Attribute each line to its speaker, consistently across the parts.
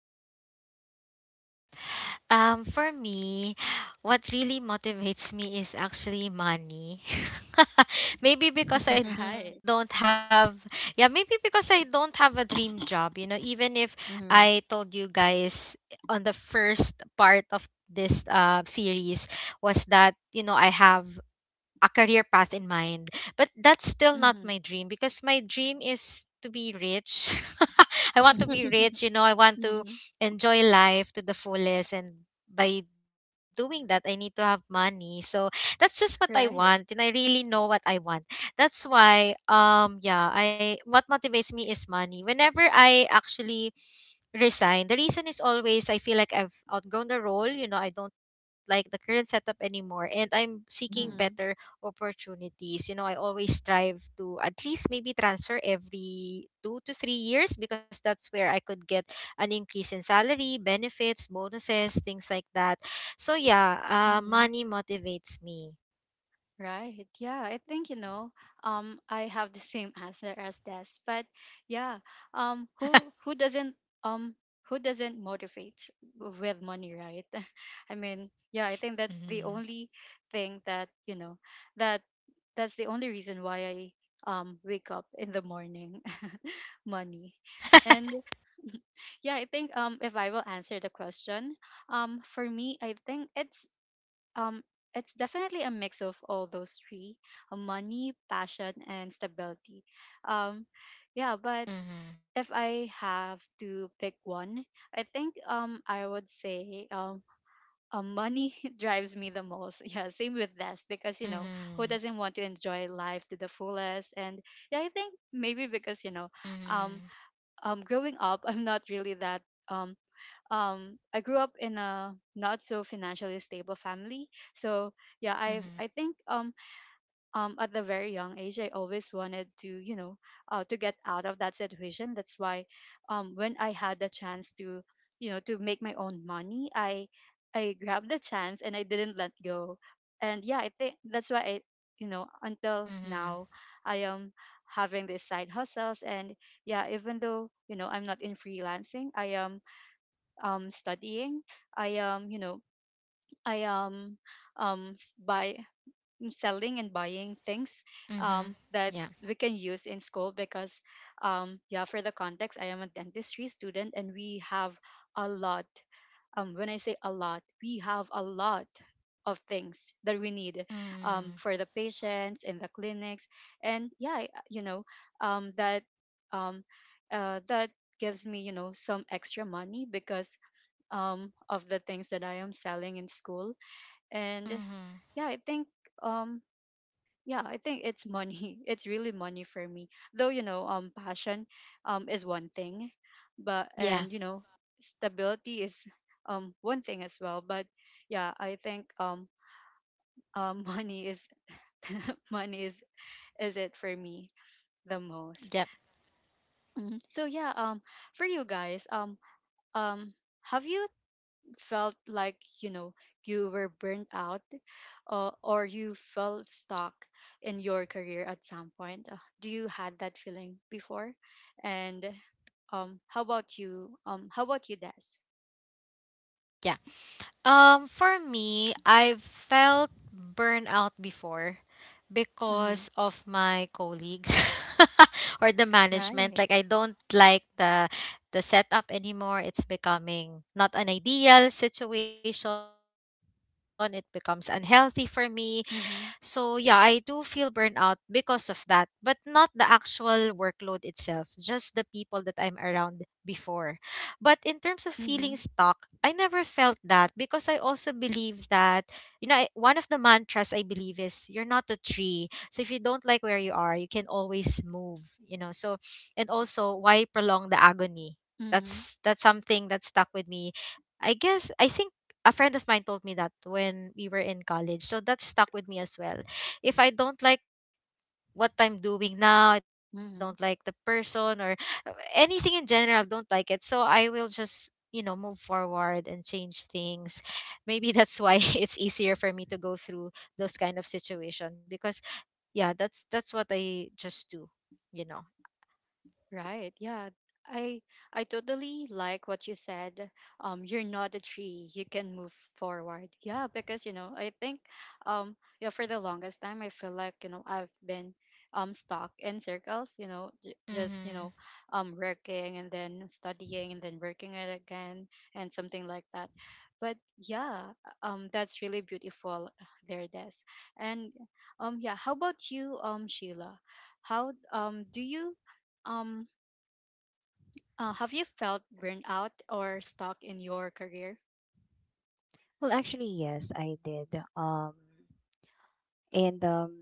Speaker 1: ahead, desk.
Speaker 2: Yep. For me, what really motivates me is actually money. Maybe
Speaker 1: Right.
Speaker 2: because I don't maybe because I don't have a dream job, you know, even if
Speaker 3: Mhm.
Speaker 2: I told you guys on the first part of this series was that, you know, I have a career path in mind. But that's still
Speaker 1: Mm-hmm.
Speaker 2: not my dream because my dream is to be rich. I
Speaker 3: Mhm.
Speaker 2: want to be rich, you know, I
Speaker 1: Mm-hmm.
Speaker 2: want to enjoy life to the fullest, and by doing that I need to have money. So that's just what I
Speaker 1: Right.
Speaker 2: want, and I really know what I want. That's why yeah, I what motivates me is money. Whenever I actually resign, the reason is always I feel like I've outgrown the role. You know, I don't like the current setup anymore and I'm seeking better
Speaker 1: Mm-hmm.
Speaker 2: opportunities. You know, I always strive to at least maybe transfer every 2 to 3 years because that's where I could get an increase in salary, benefits, bonuses, things like that. So yeah,
Speaker 1: Mm-hmm.
Speaker 2: money motivates me.
Speaker 1: Right. Yeah, I think, I have the same answer as Des, but yeah, who doesn't um motivate with money, right? I mean, yeah, I think that's the
Speaker 2: Hmm.
Speaker 1: only thing that that's the only reason why I wake up in the morning money. And yeah, I think, if I will answer the question, for me, I think um it's definitely a mix of all those three, money, passion, and stability. Um yeah, but
Speaker 2: Mhm,
Speaker 1: if I have to pick one, I think I would say money drives me the most. Yeah, same with this, because you know who
Speaker 2: mhm,
Speaker 1: doesn't want to enjoy life to the fullest? And yeah, I think maybe because,
Speaker 2: mhm,
Speaker 1: um, growing up, I'm not really that um I grew up in a not so financially stable family, so yeah,
Speaker 2: mhm,
Speaker 1: I think, at the very young age I always wanted to you know to get out of that situation. That's why, when I had the chance to, to make my own money, I grabbed the chance and I didn't let go. And yeah, I think that's why I, until
Speaker 2: mhm,
Speaker 1: now I am having these side hustles. And yeah, even though, I'm not in freelancing, I am, studying. I um, you know, I buy, selling and buying things
Speaker 2: mhm.
Speaker 1: that
Speaker 2: Yeah.
Speaker 1: we can use in school because, yeah, for the context, I am a dentistry student and we have a lot. When I say a lot, we have a lot of things that we need,
Speaker 2: Mm.
Speaker 1: for the patients in the clinics. And yeah, um, that um, that gives me, you know, some extra money because, of the things that I am selling in school. And
Speaker 2: Mm-hmm.
Speaker 1: yeah, I think, um, yeah, I think it's money. It's really money for me. Though, you know, passion is one thing, but
Speaker 2: Yeah,
Speaker 1: and you know, stability is, one thing as well. But yeah, I think, money is money is it for me the most.
Speaker 2: yep,
Speaker 1: So yeah, for you guys, um, have you felt like, you know, you were burnt out, or you felt stuck in your career at some point? Do you had that feeling before? And how about you, Des?
Speaker 2: yeah. For me, I've felt burnout before
Speaker 1: Mm-hmm.
Speaker 2: because of my colleagues or the management.
Speaker 1: Right.
Speaker 2: Like I don't like the setup anymore. It's becoming not an ideal situation. It becomes unhealthy for me. So yeah, I do
Speaker 1: Mm-hmm.
Speaker 2: feel burnout because of that, but not the actual workload itself, just the people that I'm around before. But in terms of feeling stuck,
Speaker 1: Mm-hmm.
Speaker 2: I never felt that because I also believe that you know, I, one of the mantras I believe is you're not a tree. So if you don't like where you are, you can always move, you know. So and also why prolong the agony? That's something that stuck with me I guess I think a friend of mine told me that when we were in college. So that stuck with me as well. If I don't like what I'm doing now, I don't
Speaker 1: Mm-hmm.
Speaker 2: like the person or anything in general, don't like it. So I will just, you know, move forward and change things. Maybe that's why it's easier for me to go through those kind of situation because yeah, that's what I just do, you know.
Speaker 1: Right. Yeah. I I totally like what you said. You're not a tree. You can move forward. Yeah, because, you know, I think, um yeah, for the longest time I feel like, you know, I've been, stuck in circles, you know, j- just, you know,
Speaker 2: Mm-hmm.
Speaker 1: um working and then studying and then working it again and something like that. But yeah, that's really beautiful there, Des. And, yeah, how about you, Sheila? How do you um have you felt burned out or stuck in your career?
Speaker 3: Well, actually, yes, I did. Um, and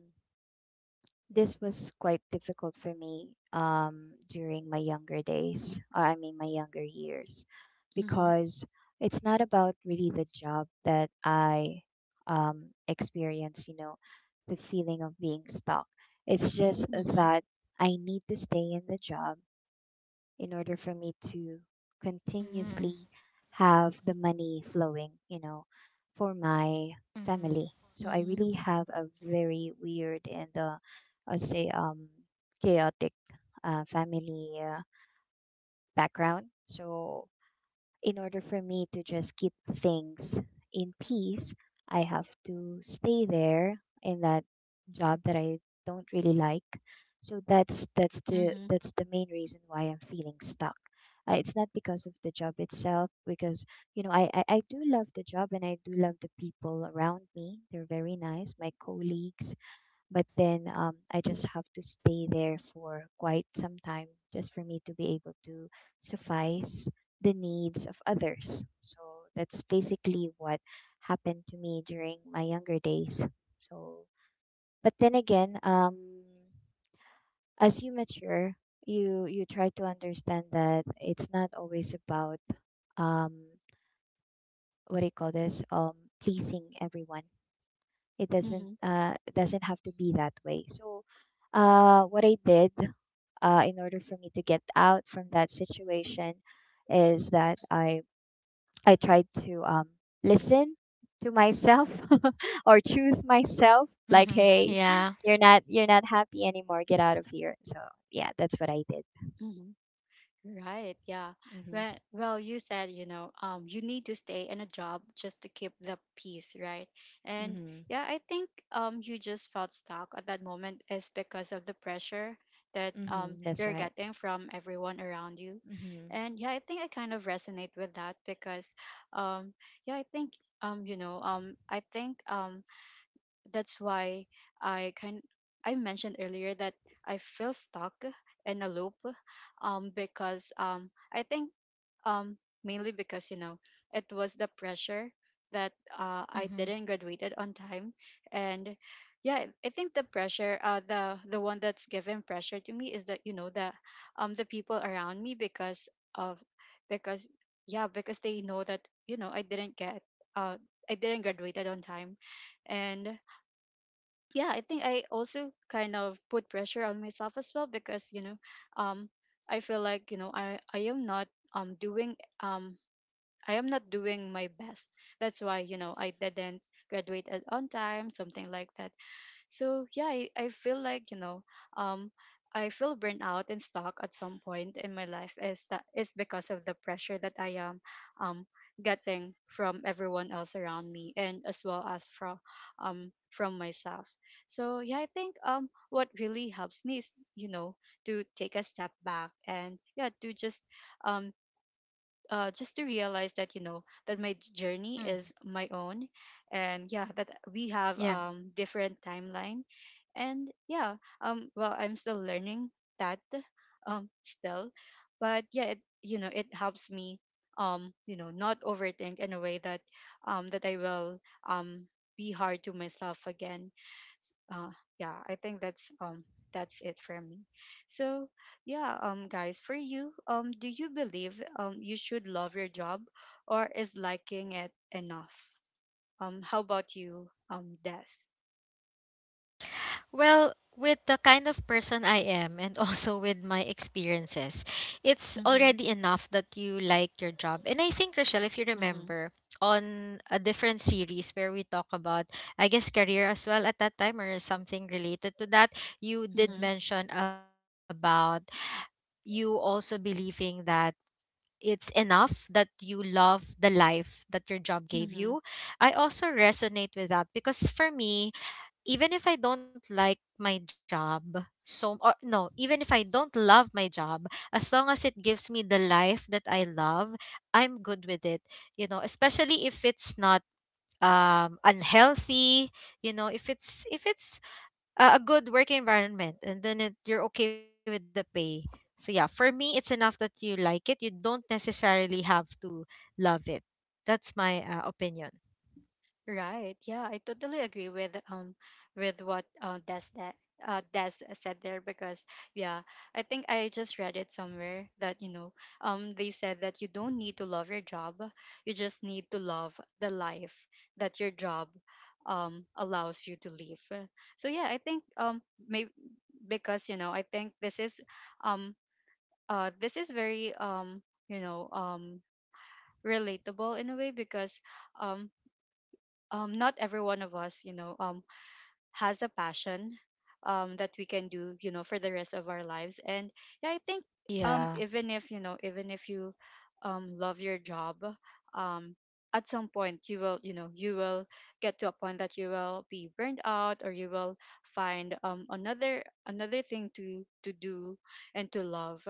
Speaker 3: this was quite difficult for me during my younger days, or I mean, my younger years,
Speaker 1: Mm-hmm.
Speaker 3: because it's not about really the job that I experience, you know, the feeling of being stuck. It's just
Speaker 1: Mm-hmm.
Speaker 3: that I need to stay in the job in order for me to continuously
Speaker 2: Mm-hmm.
Speaker 3: have the money flowing, you know, for my
Speaker 2: Mm-hmm.
Speaker 3: family. So I
Speaker 1: Mm-hmm.
Speaker 3: really have a very weird and I'll say chaotic family background. So in order for me to just keep things in peace, I have to stay there in that job that I don't really like. So that's that's the
Speaker 1: Mm-hmm.
Speaker 3: that's the main reason why I'm feeling stuck. It's not because of the job itself, because you know I do love the job and I do love the people around me. They're very nice, my colleagues,
Speaker 2: Mm-hmm.
Speaker 3: but
Speaker 2: Yeah.
Speaker 3: then I just have to stay there for quite some time just for me to be able to suffice the needs of others. So that's basically what happened to me during my younger days. So, but then again, as you mature, you try to understand that it's not always about, um what do you call this, pleasing everyone. it doesn't
Speaker 1: Mm-hmm.
Speaker 3: uh it doesn't have to be that way. So, what I did, in order for me to get out from that situation is that I tried to, listen to myself or choose myself, like,
Speaker 2: Mm-hmm.
Speaker 3: "Hey,
Speaker 2: Yeah.
Speaker 3: you're not happy anymore. Get out of here." So yeah, that's what I did.
Speaker 1: Mm-hmm. Right, yeah.
Speaker 3: Hmm.
Speaker 1: Well, you said, you know, you need to stay in a job just to keep the peace, right? And
Speaker 3: Hmm.
Speaker 1: yeah, I think, you just felt stuck at that moment is because of the pressure that,
Speaker 3: Hmm. That's
Speaker 1: you're
Speaker 3: right.
Speaker 1: getting from everyone around you.
Speaker 3: Hmm.
Speaker 1: And yeah, I think I kind of resonate with that because, um, yeah, I think, that's why I kind I mentioned earlier that I feel stuck in a loop, because, I think, um mainly because, you know, it was the pressure that, I
Speaker 2: Mm-hmm.
Speaker 1: didn't graduated on time. And yeah, I think the pressure, the one that's given pressure to me is that, you know, the people around me because of because, yeah, because they know that, you know, I didn't get, uh I didn't graduated on time. And yeah, I think I also kind of put pressure on myself as well because, you know, um I feel like, you know, I am not doing um I am not doing my best. That's why, you know, I didn't graduate on time, something like that. So yeah, I feel like, you know, um I feel burnt out and stuck at some point in my life is that is because of the pressure that I am, um getting from everyone else around me, and as well as from myself. So yeah, I think, what really helps me is, you know, to take a step back, and yeah, to just, um just to realize that, you know, that my journey
Speaker 2: Mm-hmm.
Speaker 1: is my own, and yeah, that we have,
Speaker 2: Yeah.
Speaker 1: different timeline, and yeah, well, I'm still learning that, still. But yeah, it helps me, not overthink in a way that I will, um be hard to myself again. uh, yeah, I think that's, that's it for me. So yeah, guys, for you, do you believe, you should love your job, or is liking it enough? How about you, Des?
Speaker 2: Well, with the kind of person I am and also with my experiences, it's
Speaker 1: Mm-hmm.
Speaker 2: already enough that you like your job. And I think, Rochelle, if you
Speaker 1: Mm-hmm.
Speaker 2: remember, on a different series where we talk about, I guess, career as well at that time or something related to that, you did
Speaker 1: Mm-hmm.
Speaker 2: mention about you also believing that it's enough that you love the life that your job gave
Speaker 1: Mm-hmm.
Speaker 2: you. I also resonate with that because for me, even if I don't like my job, so or no, even if I don't love my job, as long as it gives me the life that I love, I'm good with it. You know, especially if it's not unhealthy, you know, if it's a good work environment, and then it, you're okay with the pay. So yeah, for me it's enough that you like it. You don't necessarily have to love it. That's my opinion.
Speaker 1: Right. Yeah, I totally agree with, with what, Des, that Des said there, because yeah, I think I just read it somewhere that, you know, they said that you don't need to love your job, you just need to love the life that your job, allows you to live. So yeah, I think, maybe because, you know, I think this is, um this is very, you know um relatable in a way because, um not every one of us, you know, has a passion, that we can do, you know, for the rest of our lives. And yeah, I think,
Speaker 2: Yeah.
Speaker 1: even if you, love your job, um, at some point you will, you know, you will get to a point that you will be burned out, or you will find, another thing to do and to love.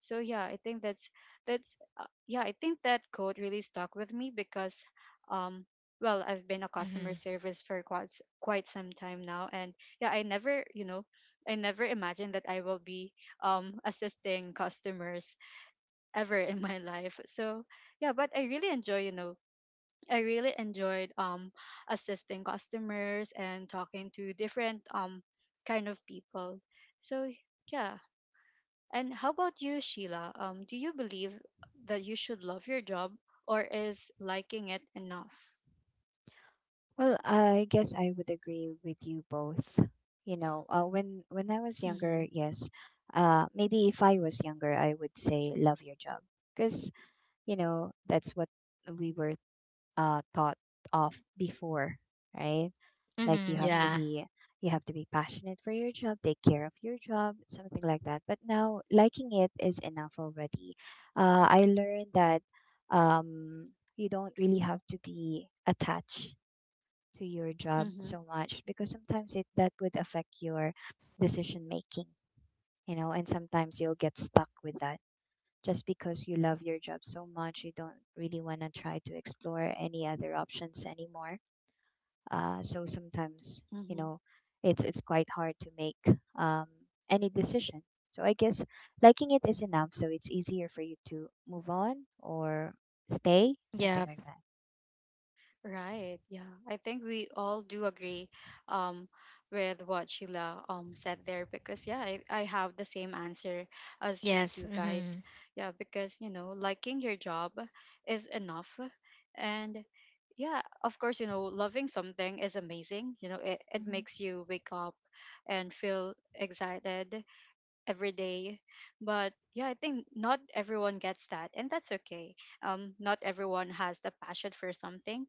Speaker 1: So yeah, I think that's, yeah, I think that quote really stuck with me because, um well, I've been a
Speaker 2: Mhm.
Speaker 1: customer service for quite some time now. And yeah, I never imagined that I will be, assisting customers ever in my life, so yeah. But I really enjoyed, assisting customers and talking to different, kind of people, so yeah. And how about you, Sheila? Do you believe that you should love your job, or is liking it enough?
Speaker 3: Well, I guess I would agree with you both. You know, when I was
Speaker 1: Mm-hmm.
Speaker 3: younger, yes, maybe if I was younger, I would say love your job, because you know that's what we were taught of before, right?
Speaker 2: Mhm.
Speaker 3: Like, you have
Speaker 2: Yeah.
Speaker 1: Mm-hmm.
Speaker 3: to be, passionate for your job, take care of your job, something like that. But now liking it is enough already. I learned that, um, you don't really have to be attached to your job
Speaker 1: Mm-hmm.
Speaker 3: so much, because sometimes it that would affect
Speaker 2: Yeah.
Speaker 3: your decision making, you know, and sometimes you'll get stuck with that just because you love your job so much, you don't really want to try to explore any other options anymore. So sometimes, you
Speaker 1: Mhm.
Speaker 3: know, it's quite hard to make, any decision. So I guess liking it is enough. So it's easier for you to move on or stay,
Speaker 2: Yeah.
Speaker 3: something like that.
Speaker 1: Right. Yeah. I think we all do agree, um, with what Sheila, said there because, yeah, I have the same answer as you
Speaker 2: Yes.
Speaker 1: do,
Speaker 2: Mhm.
Speaker 1: guys. Yeah, because, you know, liking your job is enough. And yeah, of course, you know, loving something is amazing. You know, it
Speaker 3: Mhm.
Speaker 1: makes you wake up and feel excited every day. But yeah, I think not everyone gets that, and that's okay. Not everyone has the passion for something.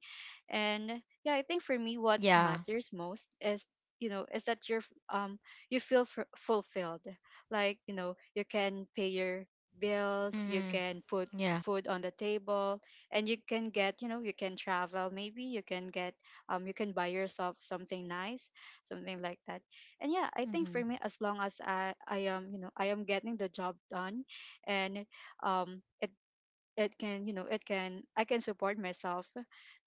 Speaker 1: And yeah, I think for me what
Speaker 2: Yeah.
Speaker 1: matters most is that you feel fulfilled. Like, you know, you can pay your bills, you
Speaker 2: Mhm.
Speaker 1: can put
Speaker 2: Yeah.
Speaker 1: food on the table, and you can get, you know, you can travel, maybe you can get, you can buy yourself something nice, something like that. And yeah, I think for
Speaker 3: Mhm.
Speaker 1: me, as long as I am, you know, I am getting the job done, and um it it can, you know, it can, I can support myself,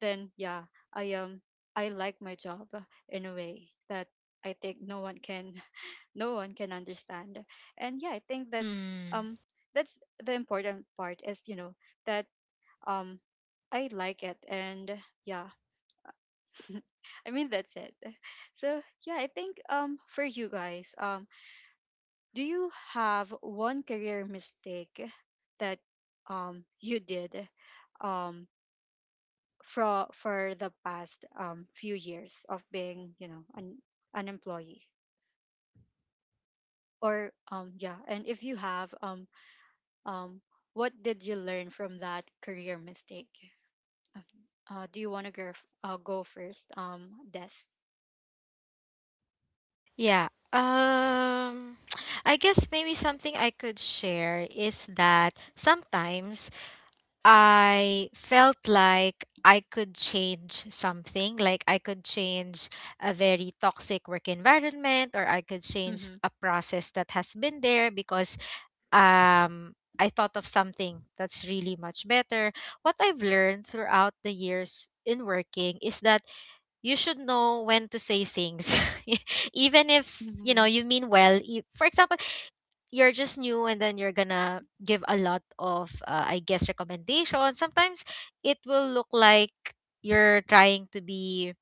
Speaker 1: then yeah, I am, I like my job in a way that I think no one can no one can understand. And yeah, I think
Speaker 2: Mm.
Speaker 1: that's the important part, is, you know, that, um I like it. And yeah, I mean, that's it. So yeah, I think, for you guys, do you have one career mistake that you did, um, for the past few years of being, you know, an employee? Or yeah, and if you have, um, what did you learn from that career mistake? Okay. Do you want to go, go first? Des.
Speaker 2: Yeah. I guess maybe something I could share is that sometimes I felt like I could change something, like I could change a very toxic work environment, or I could change
Speaker 1: Mm-hmm.
Speaker 2: a process that has been there because I thought of something that's really much better. What I've learned throughout the years in working is that you should know when to say things, even if you
Speaker 1: Mm-hmm.
Speaker 2: know you mean well for example, you're just new and then you're gonna give a lot of I guess recommendations. Sometimes it will look like you're trying to be,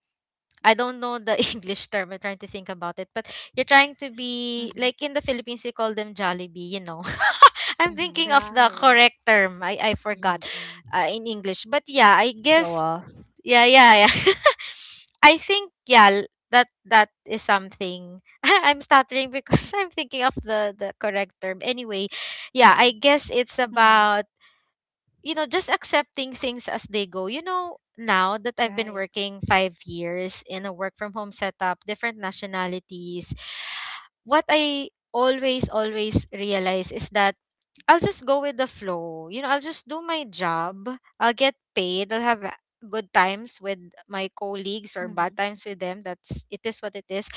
Speaker 2: I don't know the English term, I'm trying to think about it, but you're trying to be,
Speaker 1: Mm-hmm.
Speaker 2: like, in the Philippines we call them Jollibee, you know. I'm
Speaker 3: Mhm.
Speaker 2: thinking of the
Speaker 1: Right.
Speaker 2: correct term, I forgot
Speaker 3: Mhm. Mhm.
Speaker 2: in English, but yeah I
Speaker 3: Show
Speaker 2: guess
Speaker 3: off.
Speaker 2: yeah yeah yeah. I think yeah, that that is something. I'm stuttering because I'm thinking of the correct term. Anyway, yeah,
Speaker 3: Mhm.
Speaker 2: I guess it's
Speaker 1: Mm-hmm.
Speaker 2: about you know, just accepting things as they go. You know, now that I've been
Speaker 1: Right.
Speaker 2: working 5 years in a work from home setup, different nationalities, what I always, always realize is that I'll just go with the flow. You know, I'll just do my job. I'll get paid. I'll have good times with my colleagues or
Speaker 1: Mm-hmm.
Speaker 2: bad times with them. That's it is what it is.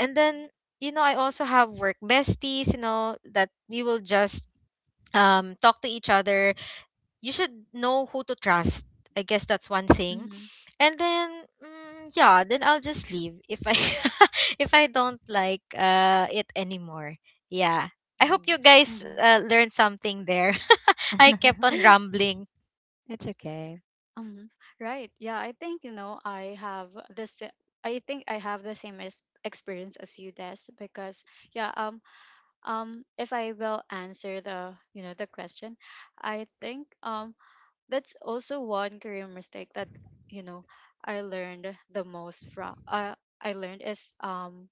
Speaker 2: And then, you know, I also have work besties, you know, that we will just talk to each other, you should know who to trust. I guess that's one thing.
Speaker 1: Mm-hmm.
Speaker 2: And then mm, yeah, then I'll just leave if I if I don't like it anymore. Yeah. I hope
Speaker 3: Mhm.
Speaker 2: you guys
Speaker 1: Mm-hmm.
Speaker 2: learned something there. I kept on rambling.
Speaker 3: It's okay.
Speaker 1: Mhm. Right. Yeah, I think, you know, I have this. I think I have the same as experience as you, Des, because yeah. If I will answer the, the question, I think that's also one career mistake that, you know, I learned the most from. I learned is,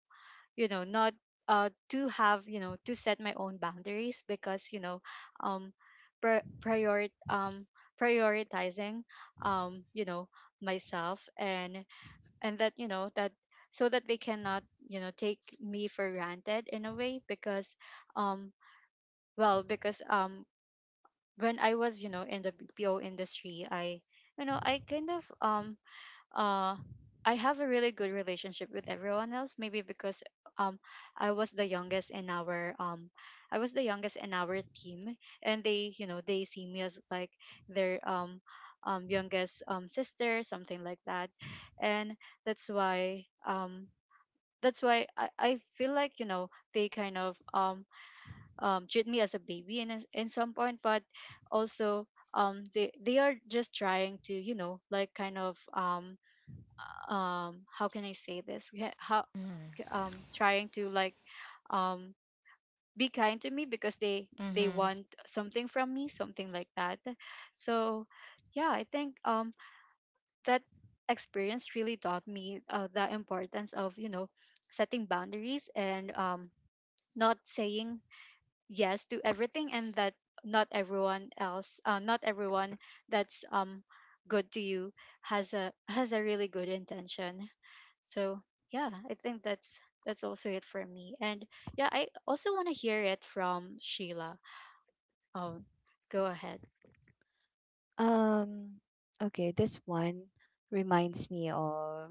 Speaker 1: you know, not uh, to have, you know, to set my own boundaries, because, you know, um pri- prior um prioritizing, you know, myself. And that you know, that, so that they cannot, you know, take me for granted in a way. Because um well because um when I was, you know, in the BPO industry, I, you know, I kind of, uh I have a really good relationship with everyone else, maybe because um I was the youngest in our um I was the youngest in our team. And they, you know, they see me as like their, youngest sister, something like that. And that's why, I feel like, you know, they kind of, treat me as a baby in a- in some point. But also, they are just trying to, you know, like kind of, how can I say this? Yeah, how,
Speaker 2: Mm-hmm.
Speaker 1: trying to like, um be kind to me because they
Speaker 2: Mm-hmm.
Speaker 1: want something from me, something like that. So yeah, I think, that experience really taught me the importance of, you know, setting boundaries, and not saying yes to everything, and that not everyone else not everyone that's good to you has a, has a really good intention. So yeah, I think that's also it for me. And yeah, I also want to hear it from Sheila. Oh, go ahead.
Speaker 3: Um, okay, this one reminds me of,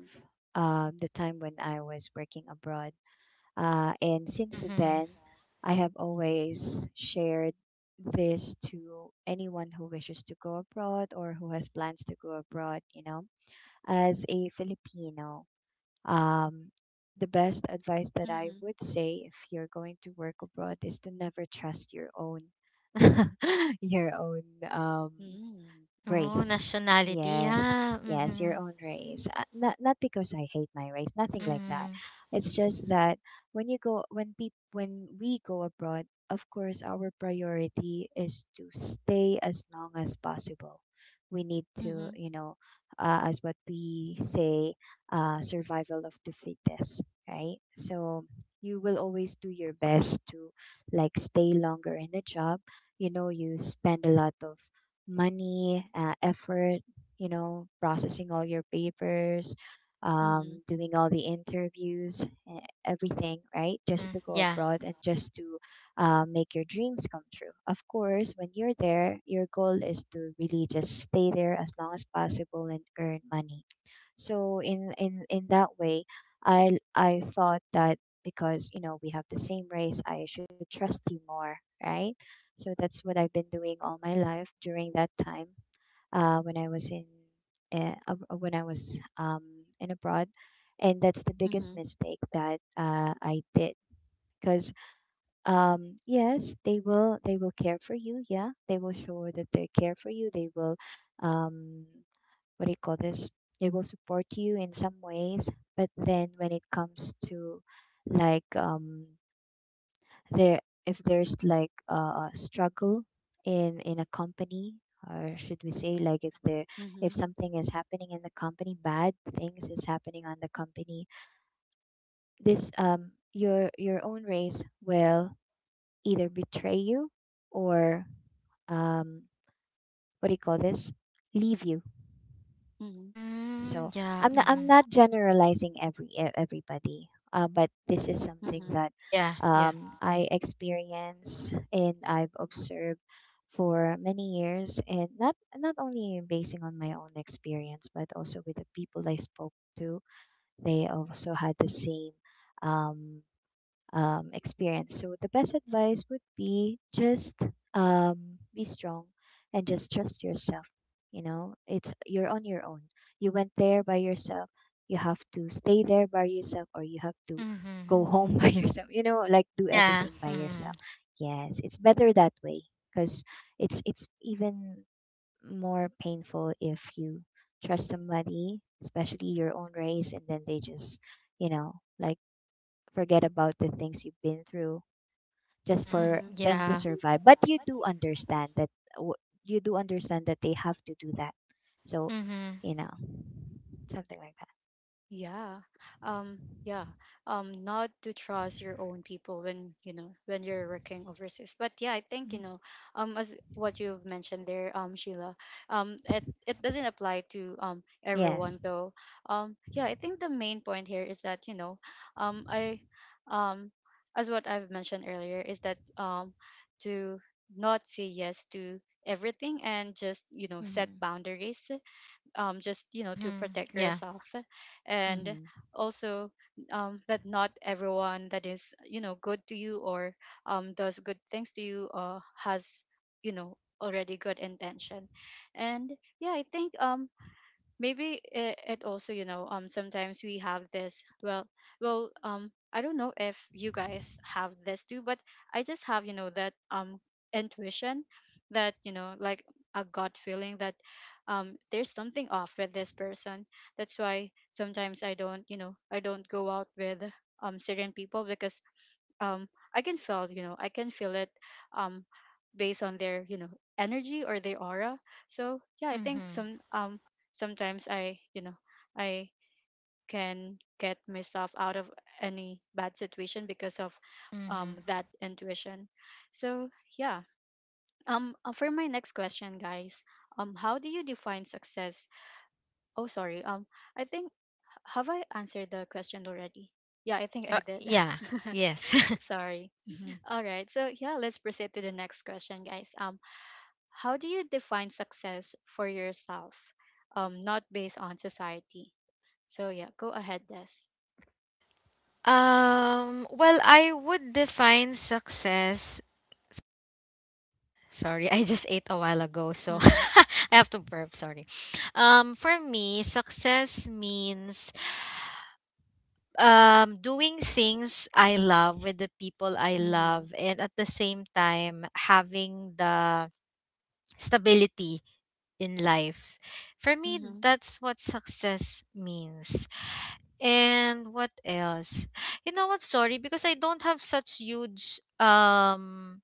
Speaker 3: the time when I was working abroad. And since then,
Speaker 2: Mm-hmm.
Speaker 3: I have always shared this to anyone who wishes to go abroad or who has plans to go abroad. As a Filipino, um, the best advice that I
Speaker 1: Mm-hmm.
Speaker 3: would say if you're going to work abroad is to never trust your own your own um
Speaker 1: Mm-hmm.
Speaker 2: Oh,
Speaker 3: race.
Speaker 2: nationality.
Speaker 3: Yes,
Speaker 2: Yeah.
Speaker 3: yes, your
Speaker 2: Mm-hmm.
Speaker 3: own race. Not because I hate my race, nothing like that.
Speaker 2: Mm-hmm.
Speaker 3: It's just that when you go when peop when we go abroad, of course our priority is to stay as long as possible. We need to,
Speaker 1: Mm-hmm.
Speaker 3: as what we say, survival of the fittest, right? So you will always do your best to, like, stay longer in the job. You know, you spend a lot of money, effort, you know, processing all your papers,
Speaker 1: Mm-hmm.
Speaker 3: doing all the interviews, everything, right? Just
Speaker 2: Mm-hmm.
Speaker 3: to go
Speaker 2: Yeah.
Speaker 3: abroad and just to, make your dreams come true. Of course, when you're there, your goal is to really just stay there as long as possible and earn money. So in that way, I thought that because you know we have the same race, I should trust you more, right? So that's what I've been doing all my life during that time. Uh, when I was in when I was in abroad, and that's the biggest
Speaker 1: Mm-hmm.
Speaker 3: mistake that I did. Because yes, they will care for you. Yeah, they will show that they care for you. They will, um, what do you call this? They will support you in some ways, but then when it comes to, like, there, if there's like a struggle in a company, or should we say, like,
Speaker 1: Mm-hmm.
Speaker 3: if something is happening in the company, bad things is happening on the company. This, your own race will either betray you, or um what do you call this, leave you.
Speaker 1: Mm-hmm.
Speaker 2: Mm,
Speaker 3: So
Speaker 2: yeah.
Speaker 3: I'm not I'm
Speaker 2: Mm-hmm.
Speaker 3: not generalizing, everybody, but this is something
Speaker 1: Mm-hmm.
Speaker 3: that,
Speaker 2: Yeah. Yeah.
Speaker 3: I experience and I've observed for many years, and not only basing on my own experience, but also with the people I spoke to. They also had the same, um, experience. So the best advice would be just, be strong and just trust yourself. You know, it's you're on your own. You went there by yourself. You have to stay there by yourself, or you have to
Speaker 2: Mm-hmm.
Speaker 3: go home by yourself. You know, like, do
Speaker 2: Yeah.
Speaker 3: everything by
Speaker 2: Mm-hmm.
Speaker 3: yourself. Yes, it's better that way because it's even more painful if you trust somebody, especially your own race, and then they just, like, forget about the things you've been through just
Speaker 2: Mm,
Speaker 3: for
Speaker 1: Mm-hmm.
Speaker 3: them to
Speaker 2: yeah.
Speaker 3: survive. But you do understand that they have to do that. So,
Speaker 2: Mm-hmm.
Speaker 3: you know, something like that.
Speaker 1: Yeah. Yeah. Not to trust your own people when, you know, when you're working overseas. But yeah, I think, you
Speaker 3: Mhm.
Speaker 1: know, as what you've mentioned there, Sheila, it doesn't apply to
Speaker 3: Yes.
Speaker 1: everyone though. Yeah, I think the main point here is that, you know, I um as what I've mentioned earlier, is that to not say yes to everything, and just, you know, set
Speaker 3: Mhm.
Speaker 1: boundaries, just, you know, to
Speaker 2: Mm-hmm.
Speaker 1: protect
Speaker 2: Yeah.
Speaker 1: yourself, and
Speaker 3: Mhm.
Speaker 1: also, that not everyone that is, you know, good to you, or does good things to you has, you know, already good intention. And yeah, I think, maybe it also, you know, sometimes we have this, I don't know if you guys have this too, but I just have, you know, that intuition, that, you know, like a gut feeling, that, there's something off with this person. That's why sometimes I don't, you know, I don't go out with certain people, because um I can feel, you know, I can feel it, um based on their, you know, energy or their aura. So yeah, I think
Speaker 2: Mm-hmm.
Speaker 1: some sometimes I, you know, I can get myself out of any bad situation because of
Speaker 2: Mm-hmm.
Speaker 1: that intuition. So yeah, for my next question, guys, how do you define success? Oh, sorry, I think, have I answered the question already? Yeah, I think I did.
Speaker 2: Yeah. Yes.
Speaker 1: Sorry.
Speaker 3: Mhm.
Speaker 1: All right. So yeah, let's proceed to the next question, guys. How do you define success for yourself? Not based on society. So yeah, go ahead, Des.
Speaker 2: Well, I would define success. Sorry, I just ate a while ago, so
Speaker 1: Mm-hmm.
Speaker 2: I have to burp. Sorry. For me, success means doing things I love with the people I
Speaker 1: Mm-hmm.
Speaker 2: love, and at the same time having the stability in life. For me,
Speaker 1: Mm-hmm.
Speaker 2: that's what success means. And what else? You know what? Sorry, because I don't have such huge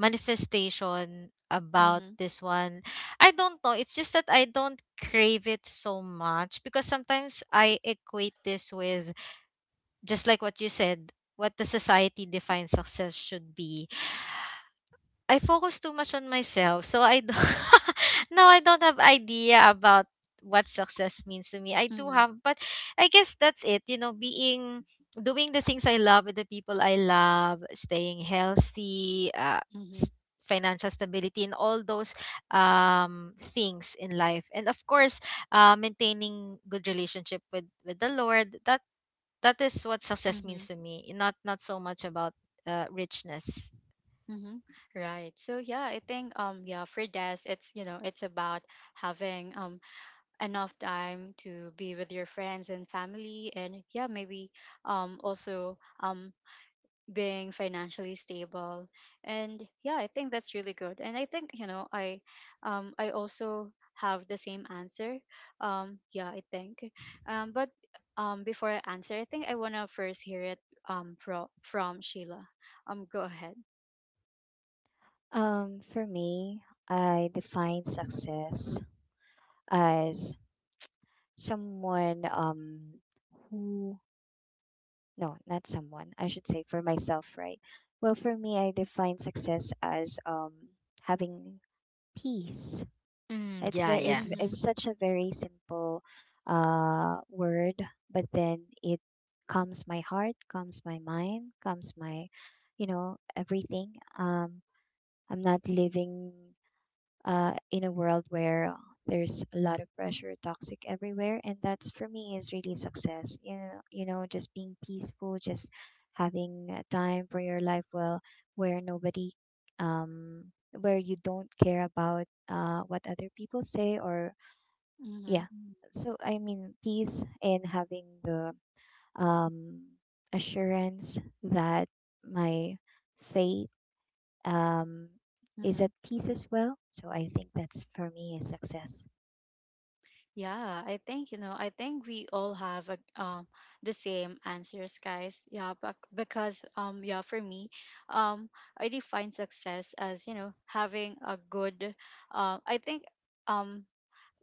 Speaker 2: manifestation about
Speaker 1: Mm-hmm.
Speaker 2: this one. I don't know. It's just that I don't crave it so much because sometimes I equate this with just like what you said, what the society defines success should be, I focus too much on myself, so I don't now I don't have idea about what success means to me. I do
Speaker 1: Mm-hmm.
Speaker 2: have, but I guess that's it. You know, being doing the things I love with the people I love, staying healthy,
Speaker 1: Mm-hmm.
Speaker 2: s- financial stability, and all those things in life, and of course, maintaining good relationship with the Lord. That is what success
Speaker 1: Mm-hmm.
Speaker 2: means to me. Not not so much about richness.
Speaker 1: Mm-hmm. Right. So yeah, I think, yeah, for Des, it's, you know, it's about having enough time to be with your friends and family, and yeah, maybe also um being financially stable. And yeah, I think that's really good. And I think, you know, I, I also have the same answer. Yeah, I think, but before I answer, I think I want to first hear it from Sheila. Go ahead.
Speaker 3: For me, I define success as someone, who, no, not someone. I should say for myself, right? Well, for me, I define success as, having peace.
Speaker 2: Mm,
Speaker 3: It's
Speaker 2: yeah,
Speaker 3: very
Speaker 2: yeah.
Speaker 3: it's
Speaker 1: Mm-hmm.
Speaker 3: it's such a very simple word, but then it calms my heart, calms my mind, calms my, everything. I'm not living, in a world where, there's a lot of pressure, toxic everywhere, and that's for me is really success. You know, just being peaceful, just having a time for your life, well, where nobody, um, where you don't care about, what other people say, or
Speaker 1: Mm-hmm.
Speaker 3: yeah. So I mean, peace and having the, um, assurance that my faith, um, is at
Speaker 1: Mm-hmm.
Speaker 3: peace as well. So I think that's for me a success.
Speaker 1: Yeah, I think, you know, I think we all have a, the same answers, guys. Yeah, but because yeah, for me, um I define success as, you know, having a good I think um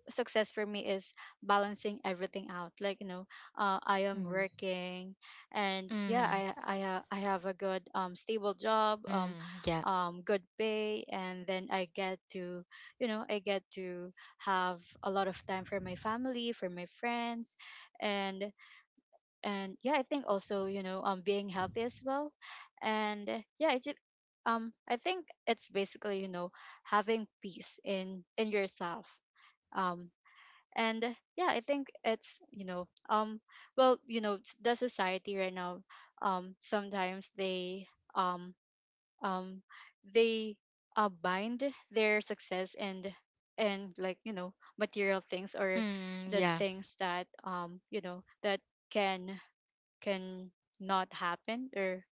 Speaker 1: success for me is balancing everything out. Like, you know, I am
Speaker 3: Mm-hmm.
Speaker 1: working, and yeah,
Speaker 2: Mm,
Speaker 1: I have a good stable job
Speaker 2: mm, yeah.
Speaker 1: good pay, and then I get to, you know, I get to have a lot of time for my family, for my friends. And yeah, I think also, you know, being healthy as well. And yeah, it's I think it's basically, you know, having peace in yourself. um and yeah, I think it's, you know, you know, the society right now, sometimes they, um um they bind their success and like, you know, material things, or
Speaker 2: Mm,
Speaker 1: the
Speaker 2: yeah.
Speaker 1: things that, you know, that can, can not happen, or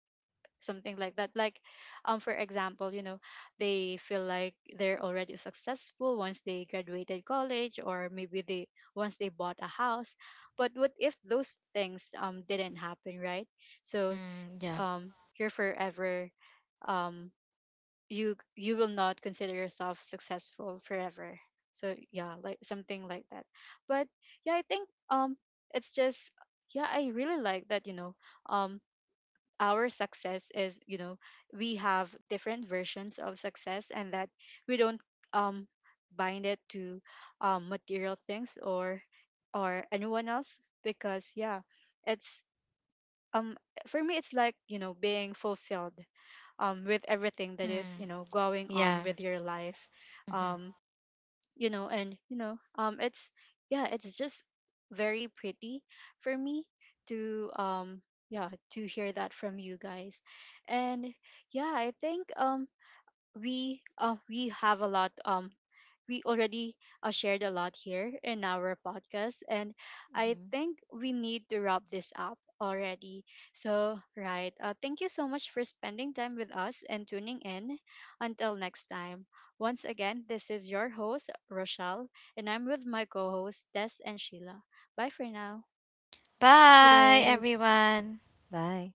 Speaker 1: something like that. Like, for example, you know, they feel like they're already successful once they graduated college, or maybe they, once they bought a house. But what if those things didn't happen, right? So,
Speaker 2: Mm, yeah.
Speaker 1: um you're forever, um you, you will not consider yourself successful forever. So yeah, like, something like that. But yeah, I think, it's just yeah, I really like that, you know, um our success is, you know, we have different versions of success, and that we don't um bind it to material things or anyone else. Because yeah, it's um for me, it's like, you know, being fulfilled with everything that is,
Speaker 2: Mm,
Speaker 1: you know, going on
Speaker 2: yeah.
Speaker 1: with your life.
Speaker 2: Hmm.
Speaker 1: um you know, and, you know, it's, yeah, it's just very pretty for me to, yeah, to hear that from you guys. And yeah, I think, we have a lot, we already shared a lot here in our podcast. And I
Speaker 3: Mm-hmm.
Speaker 1: think we need to wrap this up already. So, right, thank you so much for spending time with us and tuning in. Until next time. Once again, this is your host, Rochelle, and I'm with my co hosts, Des and Sheila. Bye for now.
Speaker 2: Bye,
Speaker 3: Toodles.
Speaker 2: everyone.
Speaker 3: Bye.